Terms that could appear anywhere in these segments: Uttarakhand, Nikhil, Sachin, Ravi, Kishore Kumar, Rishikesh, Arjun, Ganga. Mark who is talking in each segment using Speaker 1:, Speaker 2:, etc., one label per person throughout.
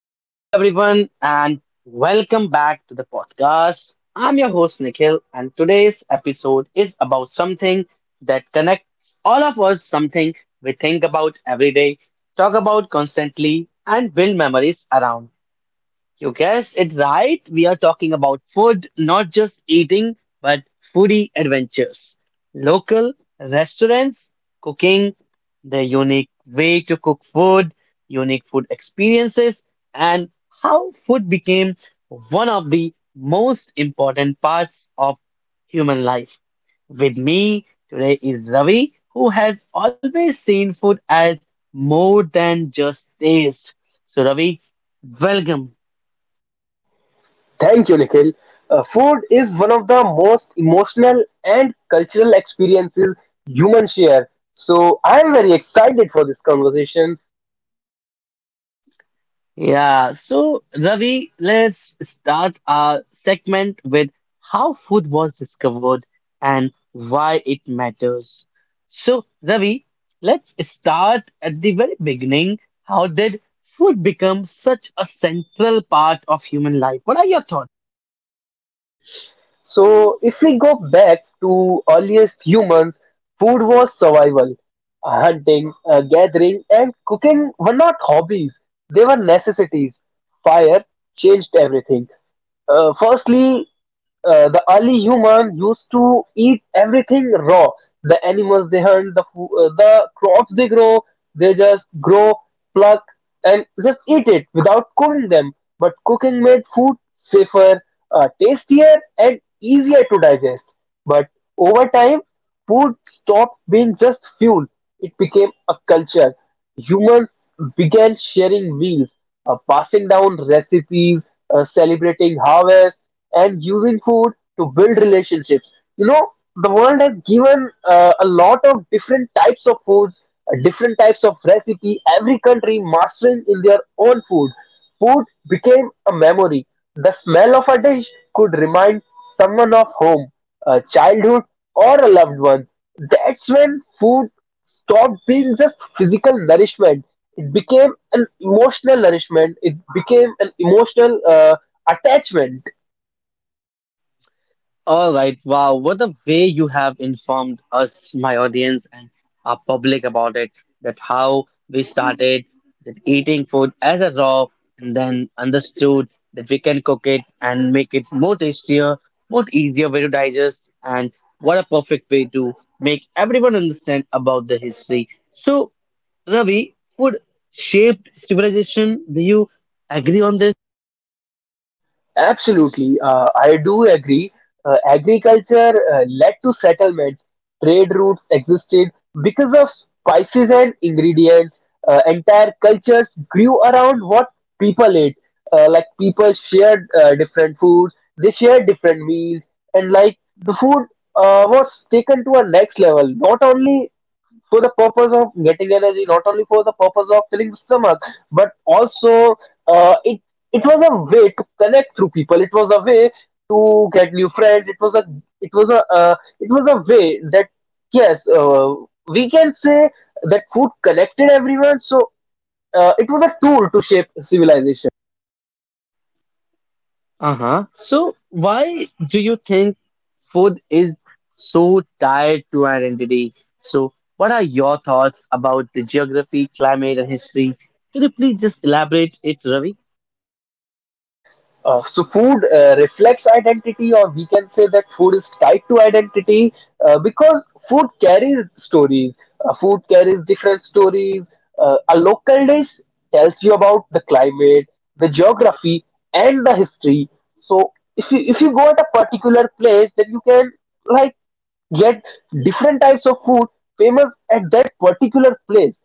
Speaker 1: Hello, everyone, and welcome back to the podcast. I'm your host, Nikhil, and today's episode is about something that connects all of us, something we think about every day, talk about constantly, and build memories around. You guessed it right. We are talking about food, not just eating, but foodie adventures. Local restaurants, cooking, the unique way to cook food, unique food experiences, and how food became one of the most important parts of human life. With me today is Ravi, who has always seen food as more than just taste. So, Ravi, welcome.
Speaker 2: Thank you, Nikhil. Food is one of the most emotional and cultural experiences humans share. So I am very excited for this conversation.
Speaker 1: Yeah, so Ravi, let's start our segment with how food was discovered and why it matters. So, Ravi, let's start at the very beginning. How did food become such a central part of human life? What are your thoughts?
Speaker 2: So if we go back to earliest humans, food was survival. Hunting, gathering, and cooking were not hobbies; they were necessities. Fire changed everything. Firstly, the early human used to eat everything raw. The animals they hunt, the crops they grow, they just grow, pluck, and just eat it without cooking them. But cooking made food safer, tastier, and easier to digest. But over time, food stopped being just fuel; it became a culture. Humans began sharing meals, passing down recipes, celebrating harvests, and using food to build relationships. You know, the world has given a lot of different types of foods, different types of recipe. Every country mastering in their own food. Food became a memory. The smell of a dish could remind someone of home, a childhood, or a loved one. That's when food stopped being just physical nourishment. It became an emotional nourishment. It became an emotional attachment.
Speaker 1: All right, wow, what a way you have informed us, my audience, and our public about it. That how we started that eating food as a raw, and then understood that we can cook it and make it more tastier, more easier way to digest, and what a perfect way to make everyone understand about the history. So, Ravi, food shaped civilization. Do you agree on this?
Speaker 2: Absolutely, I do agree. Agriculture led to settlements. Trade routes existed because of spices and ingredients. Entire cultures grew around what people ate. Like people shared different foods, they shared different meals, and like the food was taken to a next level. Not only for the purpose of getting energy, not only for the purpose of filling the stomach, but also uh, it it was a way to connect through people. It was a way to get new friends. It was a it was a it was a way that yes, we can say that food connected everyone. So it was a tool to shape civilization.
Speaker 1: Uh-huh. So why do you think food is so tied to identity? So what are your thoughts about the geography, climate, and history? Could you please just elaborate it, Ravi?
Speaker 2: So food reflects identity, or we can say that food is tied to identity because food carries stories. Food carries different stories. A local dish tells you about the climate, the geography, and the history. So if you go at a particular place, then you can like get different types of food famous at that particular place.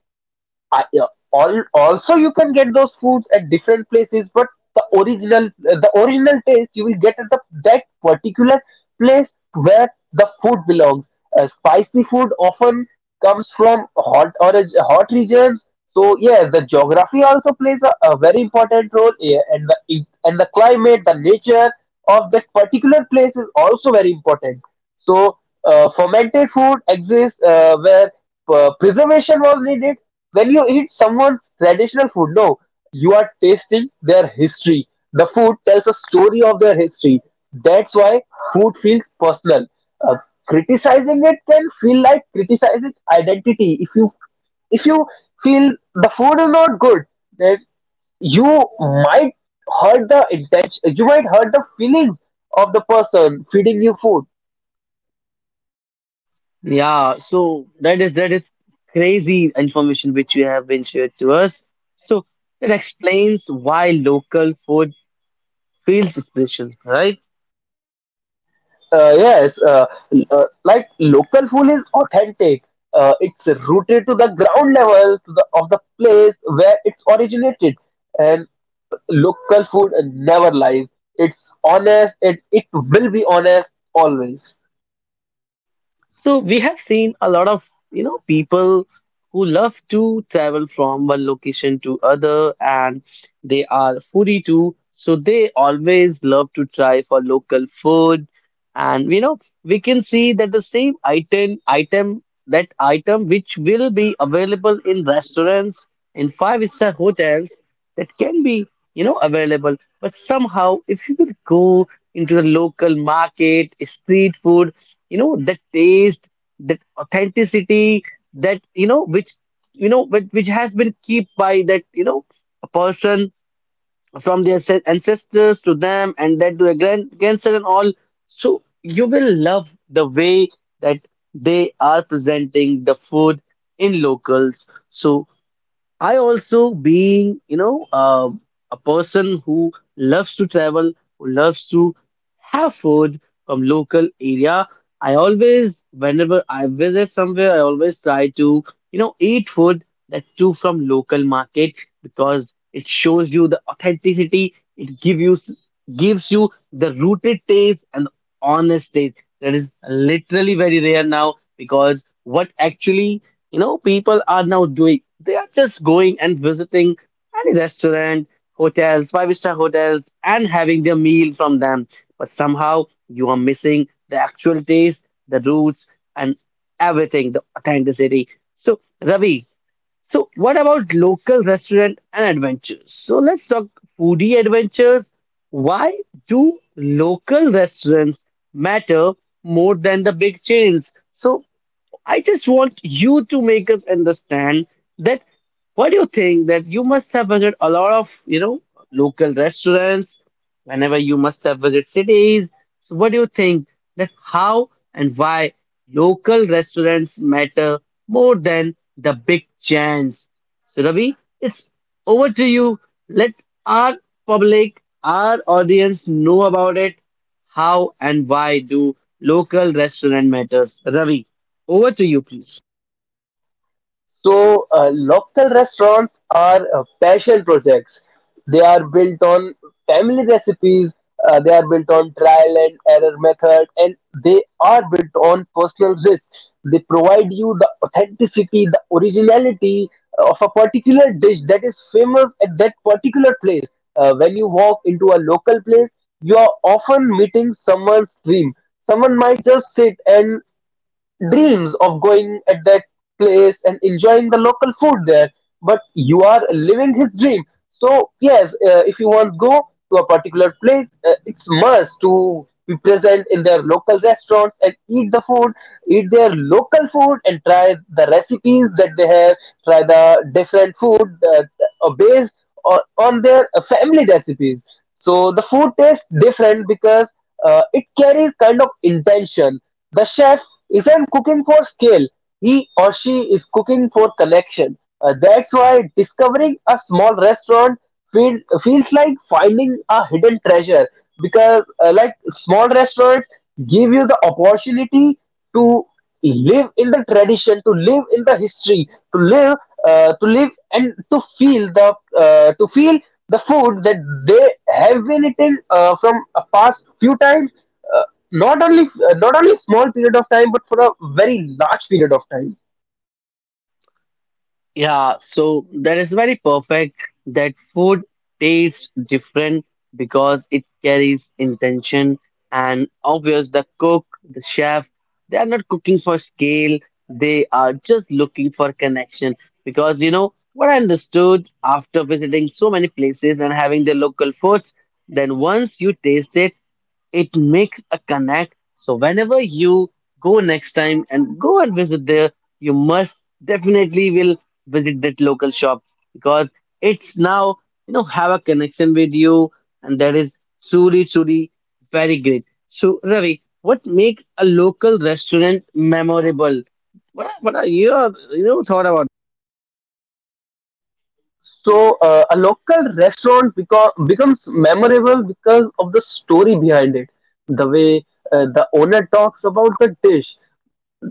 Speaker 2: I, uh, Also you can get those foods at different places, but the original taste you will get at that particular place where the food belongs. Spicy food often comes from hot or hot regions, so yeah, the geography also plays a very important role here, and the climate, the nature of that particular place is also very important. So fermented food exists where preservation was needed. When you eat someone's traditional food, no, you are tasting their history. The food tells a story of their history. That's why food feels personal. Uh, Criticizing it can feel like criticizing identity. If you feel the food is not good, then you might hurt the intention. You might hurt the feelings of the person feeding you food.
Speaker 1: Yeah, so that is crazy information which you have been shared to us. So that explains why local food feels special, right?
Speaker 2: Yes, like local food is authentic. It's rooted to the ground level to of the place where it's originated, and local food never lies. It's honest. It will be honest always.
Speaker 1: So we have seen a lot of, you know, people who love to travel from one location to other and they are foodie too. So they always love to try for local food. And you know, we can see that the same item item that item which will be available in restaurants, in five-star hotels, that can be, you know, available. But somehow if you will go into the local market, street food, you know, that taste, that authenticity, that you know which has been kept by that, you know, a person from their ancestors to them and then to their grandson and all. So you will love the way that they are presenting the food in locals. So I also being, you know, a person who loves to travel, who loves to have food from local area. I always, whenever I visit somewhere, I always try to, you know, eat food that too from local market because it shows you the authenticity. It give you gives you the rooted taste and honest taste that is literally very rare now because what actually you know people are now doing, they are just going and visiting any restaurant, hotels, five-star hotels, and having their meal from them, but somehow you are missing the actual taste, the roots, and everything, the authenticity. So, Ravi, so what about local restaurant and adventures? So let's talk foodie adventures. Why do local restaurants matter more than the big chains? So I just want you to make us understand that what do you think that you must have visited a lot of, you know, local restaurants whenever you must have visited cities. So what do you think that how and why local restaurants matter more than the big chains? So Ravi, it's over to you. Let our public, our audience know about it. How and why do local restaurant matters? Ravi. Over to you, please.
Speaker 2: So, local restaurants are passion projects. They are built on family recipes, they are built on trial and error method, and they are built on personal risk. They provide you the authenticity, the originality of a particular dish that is famous at that particular place. When you walk into a local place, you are often meeting someone's dream. Someone might just sit and dreams of going at that place and enjoying the local food there, but you are living his dream. So yes, if you once go to a particular place, it's must to be present in their local restaurants and eat the food, eat their local food, and try the recipes that they have, try the different food that are based on their family recipes. So the food tastes different because it carries kind of intention. The chef isn't cooking for scale. He or she is cooking for connection. That's why discovering a small restaurant feels like finding a hidden treasure because, like, small restaurants give you the opportunity to live in the tradition, to live in the history, to live, to live and to feel to feel the food that they have been eating from a past few times, uh, not only not only small period of time but for a very large period of time.
Speaker 1: Yeah, so that is very perfect that food tastes different because it carries intention, and obvious the cook, the chef, they are not cooking for scale, they are just looking for connection, because you know what I understood after visiting so many places and having the local foods, then once you taste it, it makes a connect. So whenever you go next time and go and visit there, you must definitely will visit that local shop because it's now, you know, have a connection with you, and that is truly very great. So Ravi, what makes a local restaurant memorable? What are your, you know, thought about.
Speaker 2: So a local restaurant becomes memorable because of the story behind it, the way the owner talks about the dish,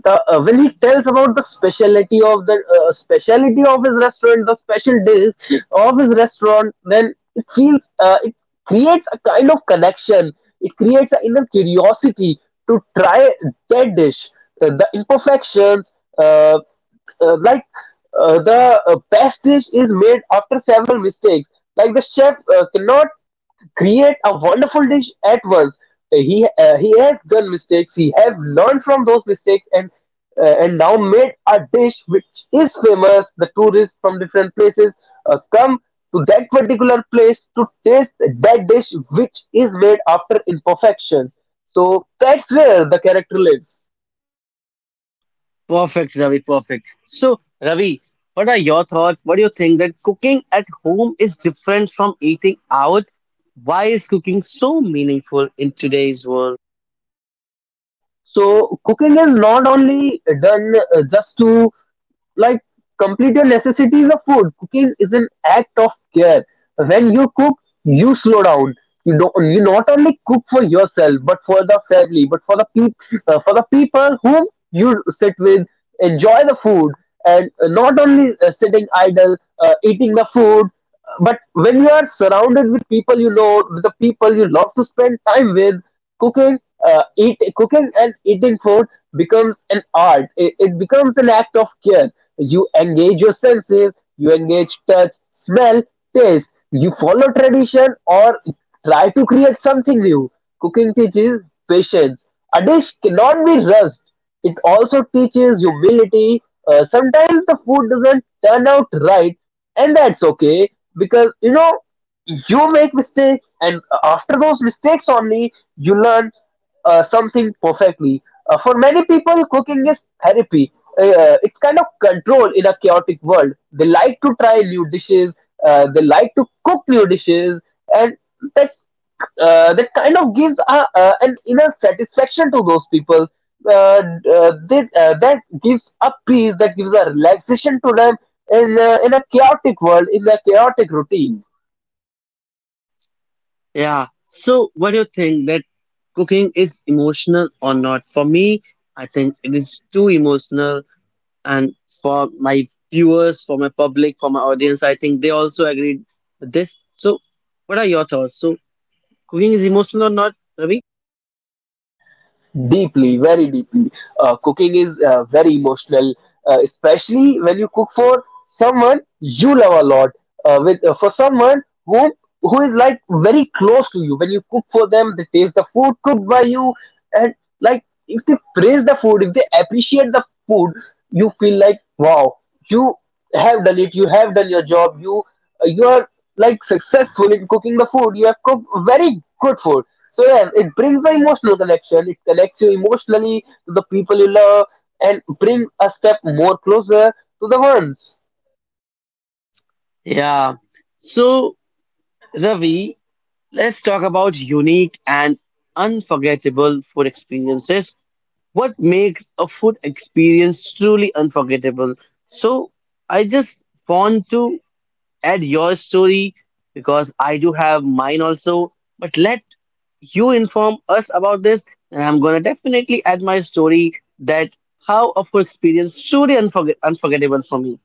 Speaker 2: the when he tells about the specialty of his restaurant, the special dish of his restaurant. Then it feels it creates a kind of connection. It creates an inner curiosity to try that dish. The imperfections, uh, like the best dish is made after several mistakes. Like the chef cannot create a wonderful dish at once. He has done mistakes. He have learned from those mistakes, and now made a dish which is famous. The tourists from different places come to that particular place to taste that dish which is made after imperfections. So that's where the character lives.
Speaker 1: Perfect, Ravi, perfect. So, Ravi, what are your thoughts? What do you think that cooking at home is different from eating out? Why is cooking so meaningful in today's world?
Speaker 2: So cooking is not only done just to like complete your necessities of food. Cooking is an act of care. When you cook, you slow down. You don't, you not only cook for yourself but for the family, but for the people, for the people whom you sit with, enjoy the food. And not only sitting idle eating the food, but when you are surrounded with people, you know, with the people you love to spend time with, cooking, eat cooking and eating food becomes an art. It becomes an act of care. You engage your senses. You engage touch, smell. Yes, you follow tradition or try to create something new. Cooking teaches patience. A dish cannot be rushed. It also teaches humility. Sometimes the food doesn't turn out right, and that's okay, because you know you make mistakes, and after those mistakes only you learn something perfectly. For many people, cooking is therapy. It's kind of control in a chaotic world. They like to try new dishes. They like to cook new dishes, and that that kind of gives an inner satisfaction to those people. Uh, that gives a peace. That gives a relaxation to them in a chaotic world, in a chaotic routine.
Speaker 1: Yeah. So, what do you think that cooking is emotional or not? For me, I think it is too emotional. And for my viewers, for my public, for my audience, I think they also agreed with this. So, what are your thoughts? So, cooking is emotional or not, Ravi?
Speaker 2: Deeply, very deeply. Cooking is very emotional, especially when you cook for someone you love a lot, with for someone whom who is like very close to you. When you cook for them, they taste the food cooked by you, and like if they praise the food, if they appreciate the food, you feel like wow, you have done it, you have done your job, you are like successful in cooking the food. You have cooked very good food. So yeah, it brings the emotional connection. It connects you emotionally to the people you love and bring a step more closer to the ones.
Speaker 1: Yeah. So, Ravi, let's talk about unique and unforgettable food experiences. What makes a food experience truly unforgettable? So, I just want to add your story because I do have mine also, but let you inform us about this, and I'm gonna definitely add my story that how a food experience truly unforgettable for me.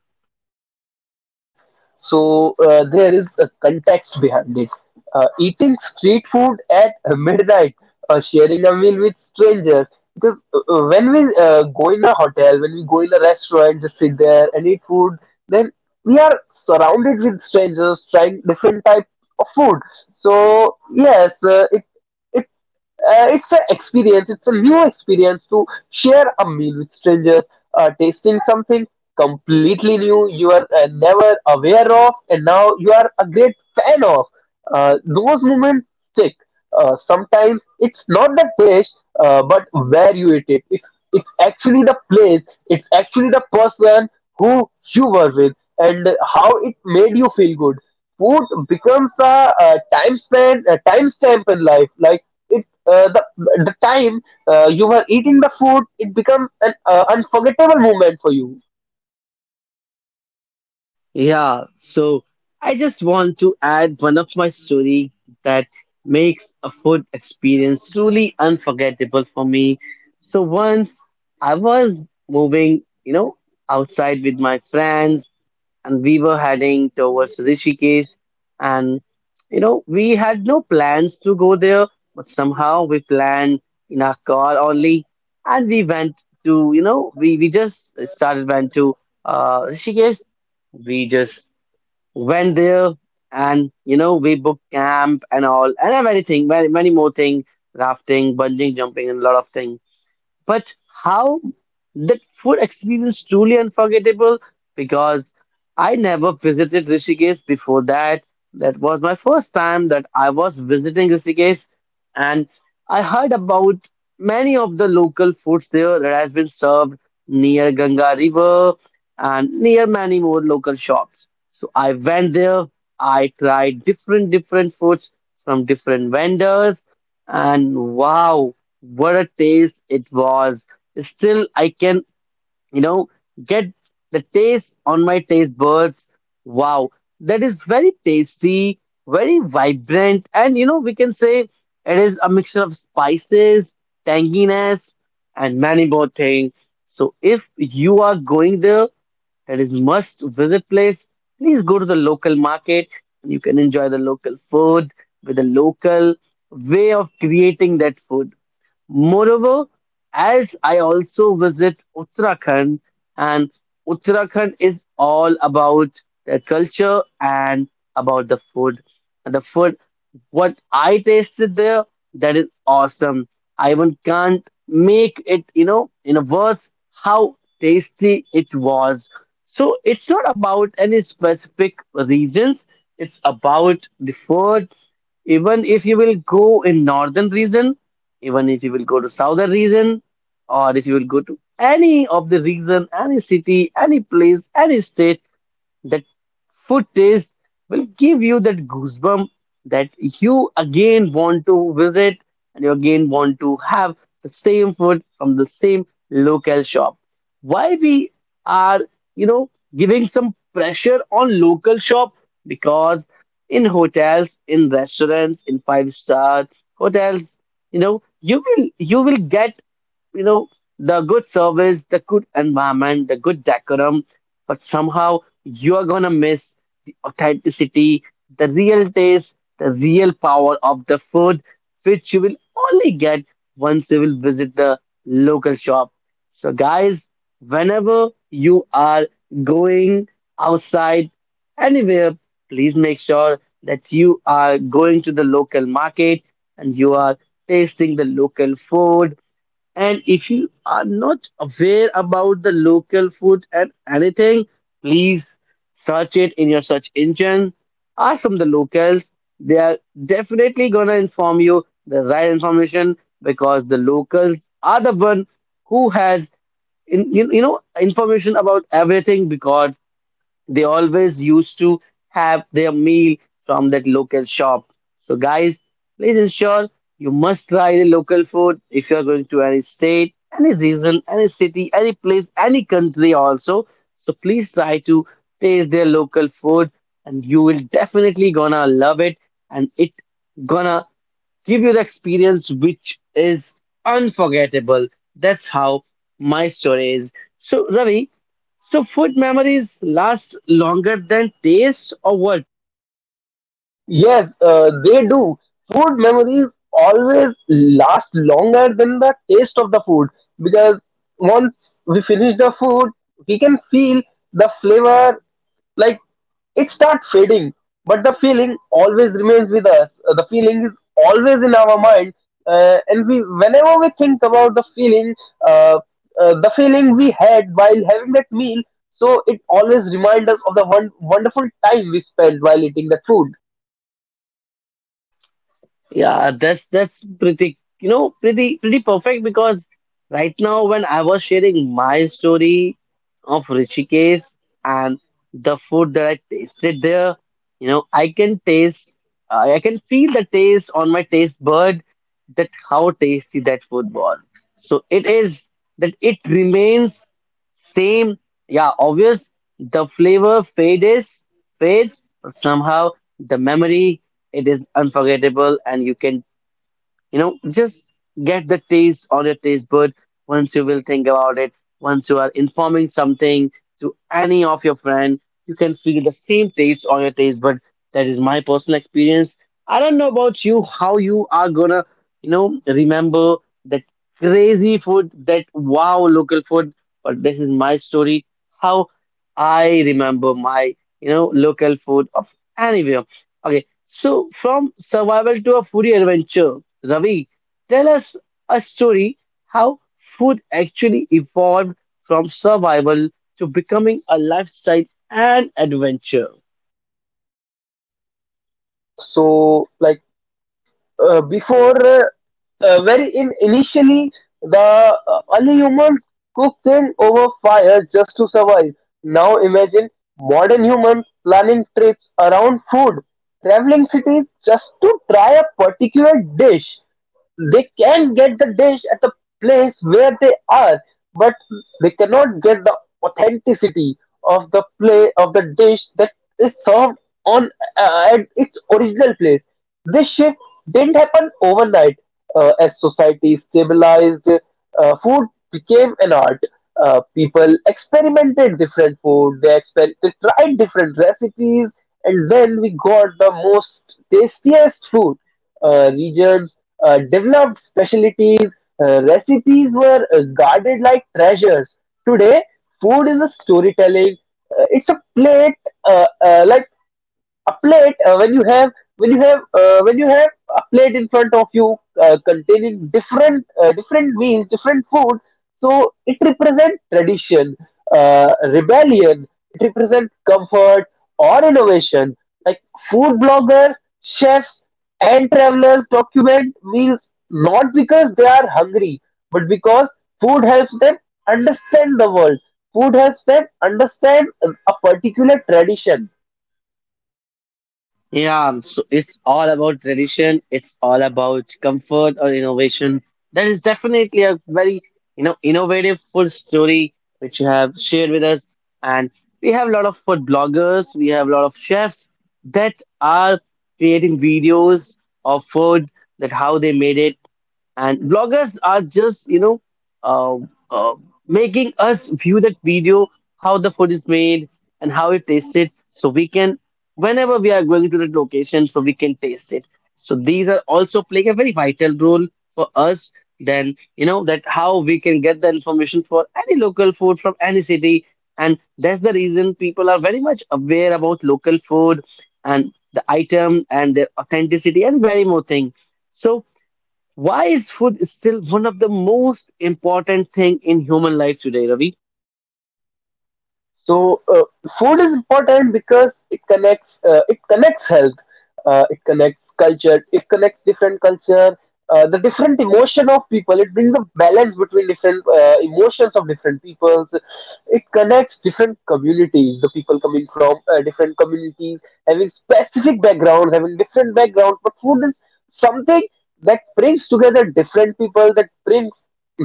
Speaker 2: So there is a context behind it. Eating street food at midnight, sharing a meal with strangers. Because when we go in a hotel, when we go in a restaurant, just sit there and eat food, then we are surrounded with strangers trying different types of food. So yes, it's an experience. It's a new experience to share a meal with strangers, tasting something completely new you are never aware of, and now you are a great fan of. Those moments stick. Sometimes it's not the dish, but where you eat it. It's actually the place, it's actually the person who you were with, and how it made you feel good. Food becomes a time span, a time stamp in life. Like it the time you were eating the food, it becomes an unforgettable moment for you.
Speaker 1: Yeah, so I just want to add one of my story that makes a food experience truly unforgettable for me. So once I was moving, you know, outside with my friends and we were heading towards Rishikesh. And you know, we had no plans to go there, but somehow we planned in our car only, and we went to, you know, we just started went to Rishikesh. We just went there, and you know, we booked camp and all, and everything, many more things, rafting, bungee jumping, and a lot of things, but how that food experience truly unforgettable because I never visited Rishikesh before that. That was my first time that I was visiting Rishikesh, and I heard about many of the local foods there that has been served near Ganga River and near many more local shops. So I went there. I tried different foods from different vendors, and wow! What a taste it was. Still, I can, you know, get the taste on my taste buds. Wow, that is very tasty, very vibrant, and you know, we can say it is a mixture of spices, tanginess, and many more things. So, if you are going there, that is must visit place. Please go to the local market and you can enjoy the local food with the local way of creating that food. Moreover, as I also visit Uttarakhand, and Uttarakhand is all about the culture and about the food. And the food, what I tasted there, that is awesome. I even can't make it, you know, in words how tasty it was. So it's not about any specific reasons. It's about the food. Even if you will go in northern region, even if you will go to southern region, or if you will go to any of the region, any city, any place, any state, that food taste will give you that goosebump that you again want to visit and you again want to have the same food from the same local shop. Why we are, you know, giving some pressure on local shop? Because in hotels, in restaurants, in five-star hotels, you know, you will get, you know, the good service, the good environment, the good decorum, but somehow you are gonna miss the authenticity, the real taste, the real power of the food, which you will only get once you will visit the local shop. So, guys, whenever you are going outside anywhere, please make sure that you are going to the local market and you are tasting the local food, and if you are not aware about the local food and anything, please search it in your search engine. Ask from the locals. They are definitely gonna inform you the right information because the locals are the one who has in, you know information about everything because they always used to have their meal from that local shop. So, guys, please ensure you must try the local food if you are going to any state, any region, any city, any place, any country also. So, please try to taste their local food and you will definitely gonna love it, and it gonna give you the experience which is unforgettable. That's how my story is. So, Ravi, so food memories last longer than taste or what?
Speaker 2: Yes, they do. Food memories always last longer than the taste of the food because once we finish the food, we can feel the flavor, like it starts fading, but the feeling always remains with us. The feeling is always in our mind, and we whenever we think about uh, the feeling we had while having that meal, so it always reminds us of the one wonderful time we spent while eating that food.
Speaker 1: Yeah, that's pretty, you know, pretty perfect because right now when I was sharing my story of Rishikesh and the food that I tasted there, you know, I can taste, I can feel the taste on my taste bud that how tasty that food was. So it is that it remains same. Yeah, obvious the flavor fades, but somehow the memory it is unforgettable, and you can, you know, just get the taste on your taste bud once you will think about it. Once you are informing something to any of your friend, you can feel the same taste on your taste bud. That is my personal experience. I don't know about you, how you are gonna, remember that crazy food, that wow local food, but this is my story. How I remember my, local food of anywhere. Okay, so, from survival to a foodie adventure, Ravi, tell us a story how food actually evolved from survival to becoming a lifestyle and adventure.
Speaker 2: So like before very in initially the Early humans cooked things over fire just to survive. Now imagine modern humans planning trips around food, traveling cities just to try a particular dish. They can get the dish at the place where they are, but they cannot get the authenticity of the play of the dish that is served on at its original place. This shift didn't happen overnight. As society stabilized, food became an art. People experimented different food. They tried different recipes, and then we got the most tastiest food. Regions developed specialties. Recipes were guarded like treasures. Today, food is a storytelling. It's a plate, like a plate when you have when you have when you have a plate in front of you containing different meals, different food, so it represents tradition, uh, rebellion, it represents comfort or innovation. Like food bloggers, chefs, and travelers document meals not because they are hungry, but because food helps them understand the world. Food helps them understand a particular tradition.
Speaker 1: Yeah, so it's all about tradition, it's all about comfort or innovation. That is definitely a very, innovative food story which you have shared with us. And we have a lot of food bloggers, we have a lot of chefs that are creating videos of food that how they made it and vloggers are just uh, uh, making us view that video how the food is made and how it tasted so we can whenever we are going to that location so we can taste it, so these are also playing a very vital role for us, then you know that how we can get the information for any local food from any city, and that's the reason people are very much aware about local food and the item and their authenticity and very more thing. So why is food still one of the most important thing in human life today, Ravi?
Speaker 2: So uh, Food is important because it connects health, it connects culture, it connects different culture, the different emotion of people. It brings a balance between different emotions of different peoples. It connects different communities. The people coming from different communities having specific backgrounds, having different backgrounds. But food is something that brings together different people, that brings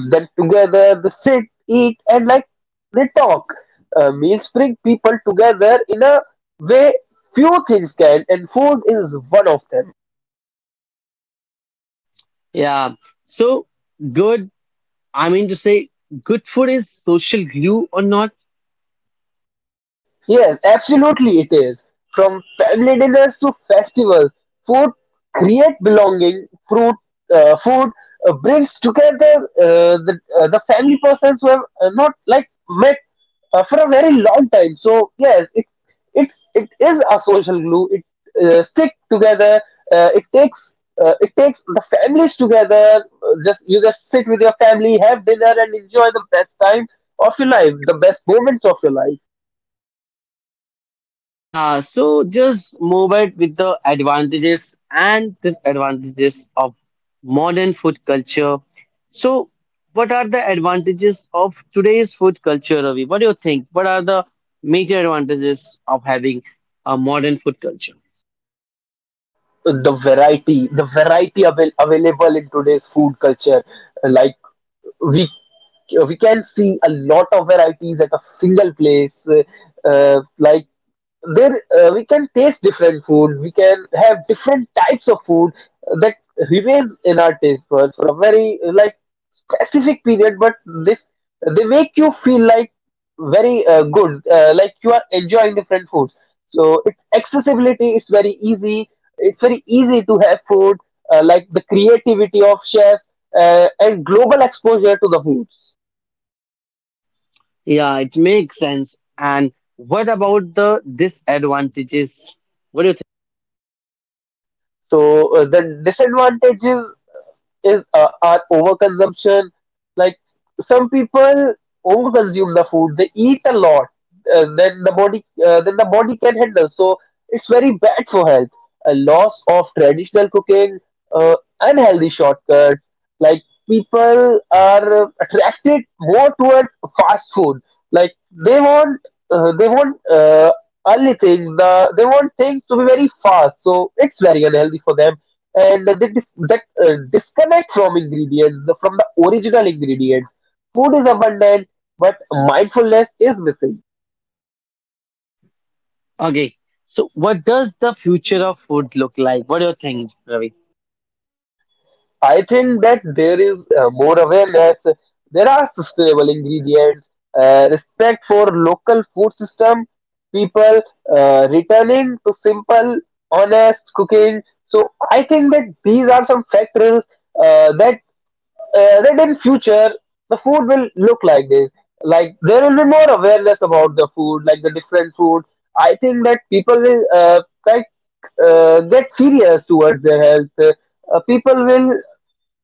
Speaker 2: them together. They sit, eat, and like they talk. Meals bring people together in a way few things can, and food is one of them.
Speaker 1: Yeah. So good. I mean to say, good food is social glue or not?
Speaker 2: Yes, absolutely it is. From family dinners to festivals, food create belonging. Food brings together the family persons who have not like met for a very long time. So yes, it is a social glue. It stick together. Uh, it takes it takes the families together. Just you just sit with your family, have dinner, and enjoy the best time of your life, the best moments of your life.
Speaker 1: Yeah. So just move it with the advantages and disadvantages of modern food culture. So what are the advantages of today's food culture, Ravi? What do you think? What are the major advantages of having a modern food culture?
Speaker 2: The variety the available in today's food culture, like, we we can see a lot of varieties at a single place. Uh, like we can taste different food. We can have different types of food that remains in our taste buds for a very specific period, but they they make you feel like very good, like you are enjoying different foods. So its accessibility is very easy. It's very easy to have food, like the creativity of chefs and global exposure to the foods.
Speaker 1: Yeah, it makes sense. And what about the disadvantages? What do you
Speaker 2: The disadvantages is are overconsumption. Like, some people overconsume the food; they eat a lot, then the body can handle. So it's very bad for health. A loss of traditional cooking, uh, unhealthy shortcuts. Like, people are attracted more towards fast food. Like, they want they want only things the they want things to be very fast, so it's very unhealthy for them. And the dis- that uh, disconnect from ingredients, from the original ingredient. Food is abundant, but mindfulness is missing.
Speaker 1: think? Okay, so what does the future of food look like? What do you think, Ravi?
Speaker 2: I think that there is more awareness. There are sustainable ingredients, respect for local food system, people returning to simple, honest cooking. So I think that these are some factors uh, that that in future the food will look like this. Like, there will be more awareness about the food, like the different food. I think that people will like get serious towards their health. People will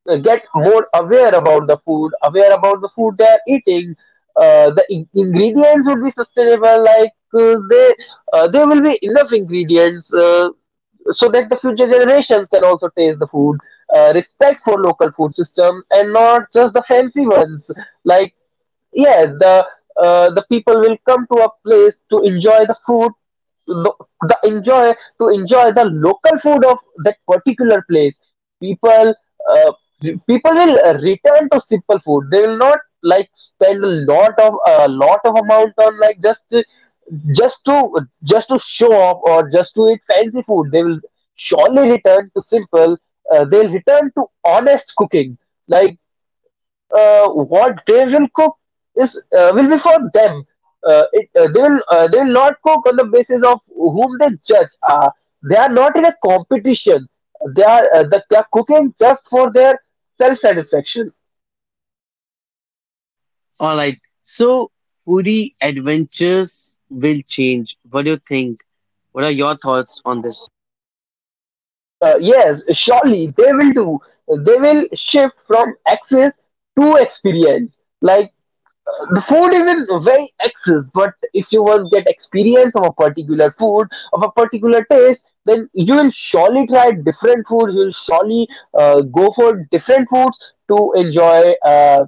Speaker 2: get more aware about the food, they are eating. Ingredients would be sustainable. Like, they there will be enough ingredients, so that the future generations can also taste the food. Respect for local food systems, and not just the fancy ones. Like, yes, the people will come to a place to enjoy the food, the, the enjoy to enjoy the local food of that particular place. people uh, People will return to simple food. They will not like spend a lot of amount on just to show off or just to eat fancy food. They will surely return to simple. They'll return to honest cooking. Like, what they will cook is will be for them. It, they will They will not cook on the basis of whom they judge. They are not in a competition. They are cooking just for their self satisfaction.
Speaker 1: All right, so foodie adventures will change. What do you think? What are your thoughts on this?
Speaker 2: Yes, surely they will do. They will shift from access to experience. Like, the food is in very excess, but if you once get experience of a particular food, of a particular taste, then you will surely try different foods. You will surely go for different foods to enjoy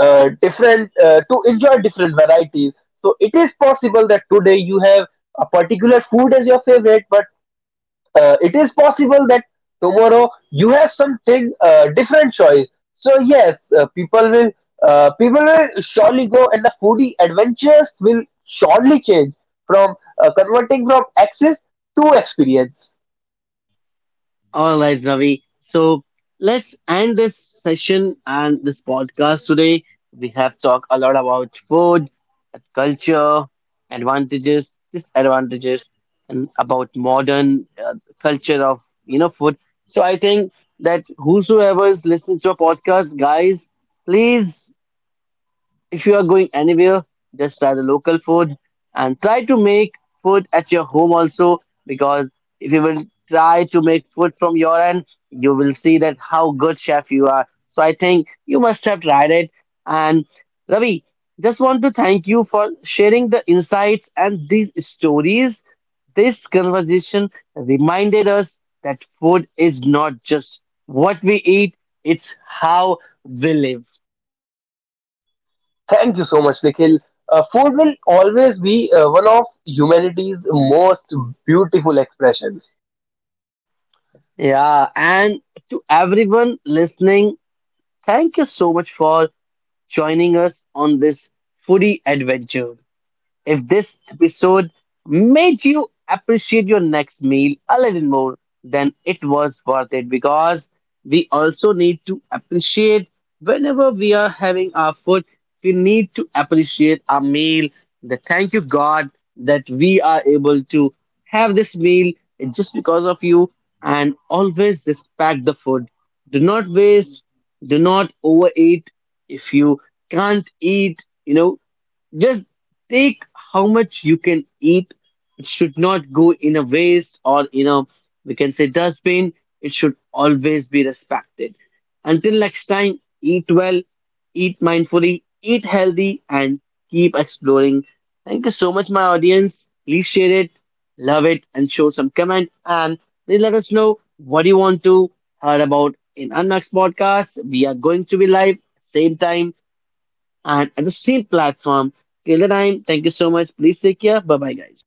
Speaker 2: different to enjoy different varieties. So it is possible that today you have a particular food as your favorite, but it is possible that tomorrow you have something different choice. So yes, people will surely go, and the foodie adventures will surely change from converting from access to experience.
Speaker 1: All right, Ravi. So let's end this session and this podcast today. We have talked a lot about food, culture, advantages, disadvantages, and about modern culture of food. So I think that whosoever is listening to a podcast, guys, please, if you are going anywhere, just try the local food and try to make food at your home also, because if you will try to make food from your end, you will see that how good chef you are. So I think you must have tried it. And Ravi, just want to thank you for sharing the insights and these stories. This conversation reminded us that food is not just what we eat, it's how we live.
Speaker 2: Thank you so much, Nikhil. Food will always be one of humanity's most beautiful expressions.
Speaker 1: Yeah, and to everyone listening, thank you so much for joining us on this foodie adventure. If this episode made you appreciate your next meal a little more, then it was worth it because we also need to appreciate whenever we are having our food, we need to appreciate our meal. The thank you, God, that we are able to have this meal just because of you and always respect the food. Do not waste, do not overeat. If you can't eat, you know, just take how much you can eat. It should not go in a waste or in a, we can say, dustbin. It should always be respected. Until next time, eat well, eat mindfully, eat healthy, and keep exploring. Thank you so much, my audience. Please share it, love it, and show some comment. And please let us know what you want to hear about in our next podcast. We are going to be live same time and at the same platform. Till the time, thank you so much. Please take care. Bye bye, guys.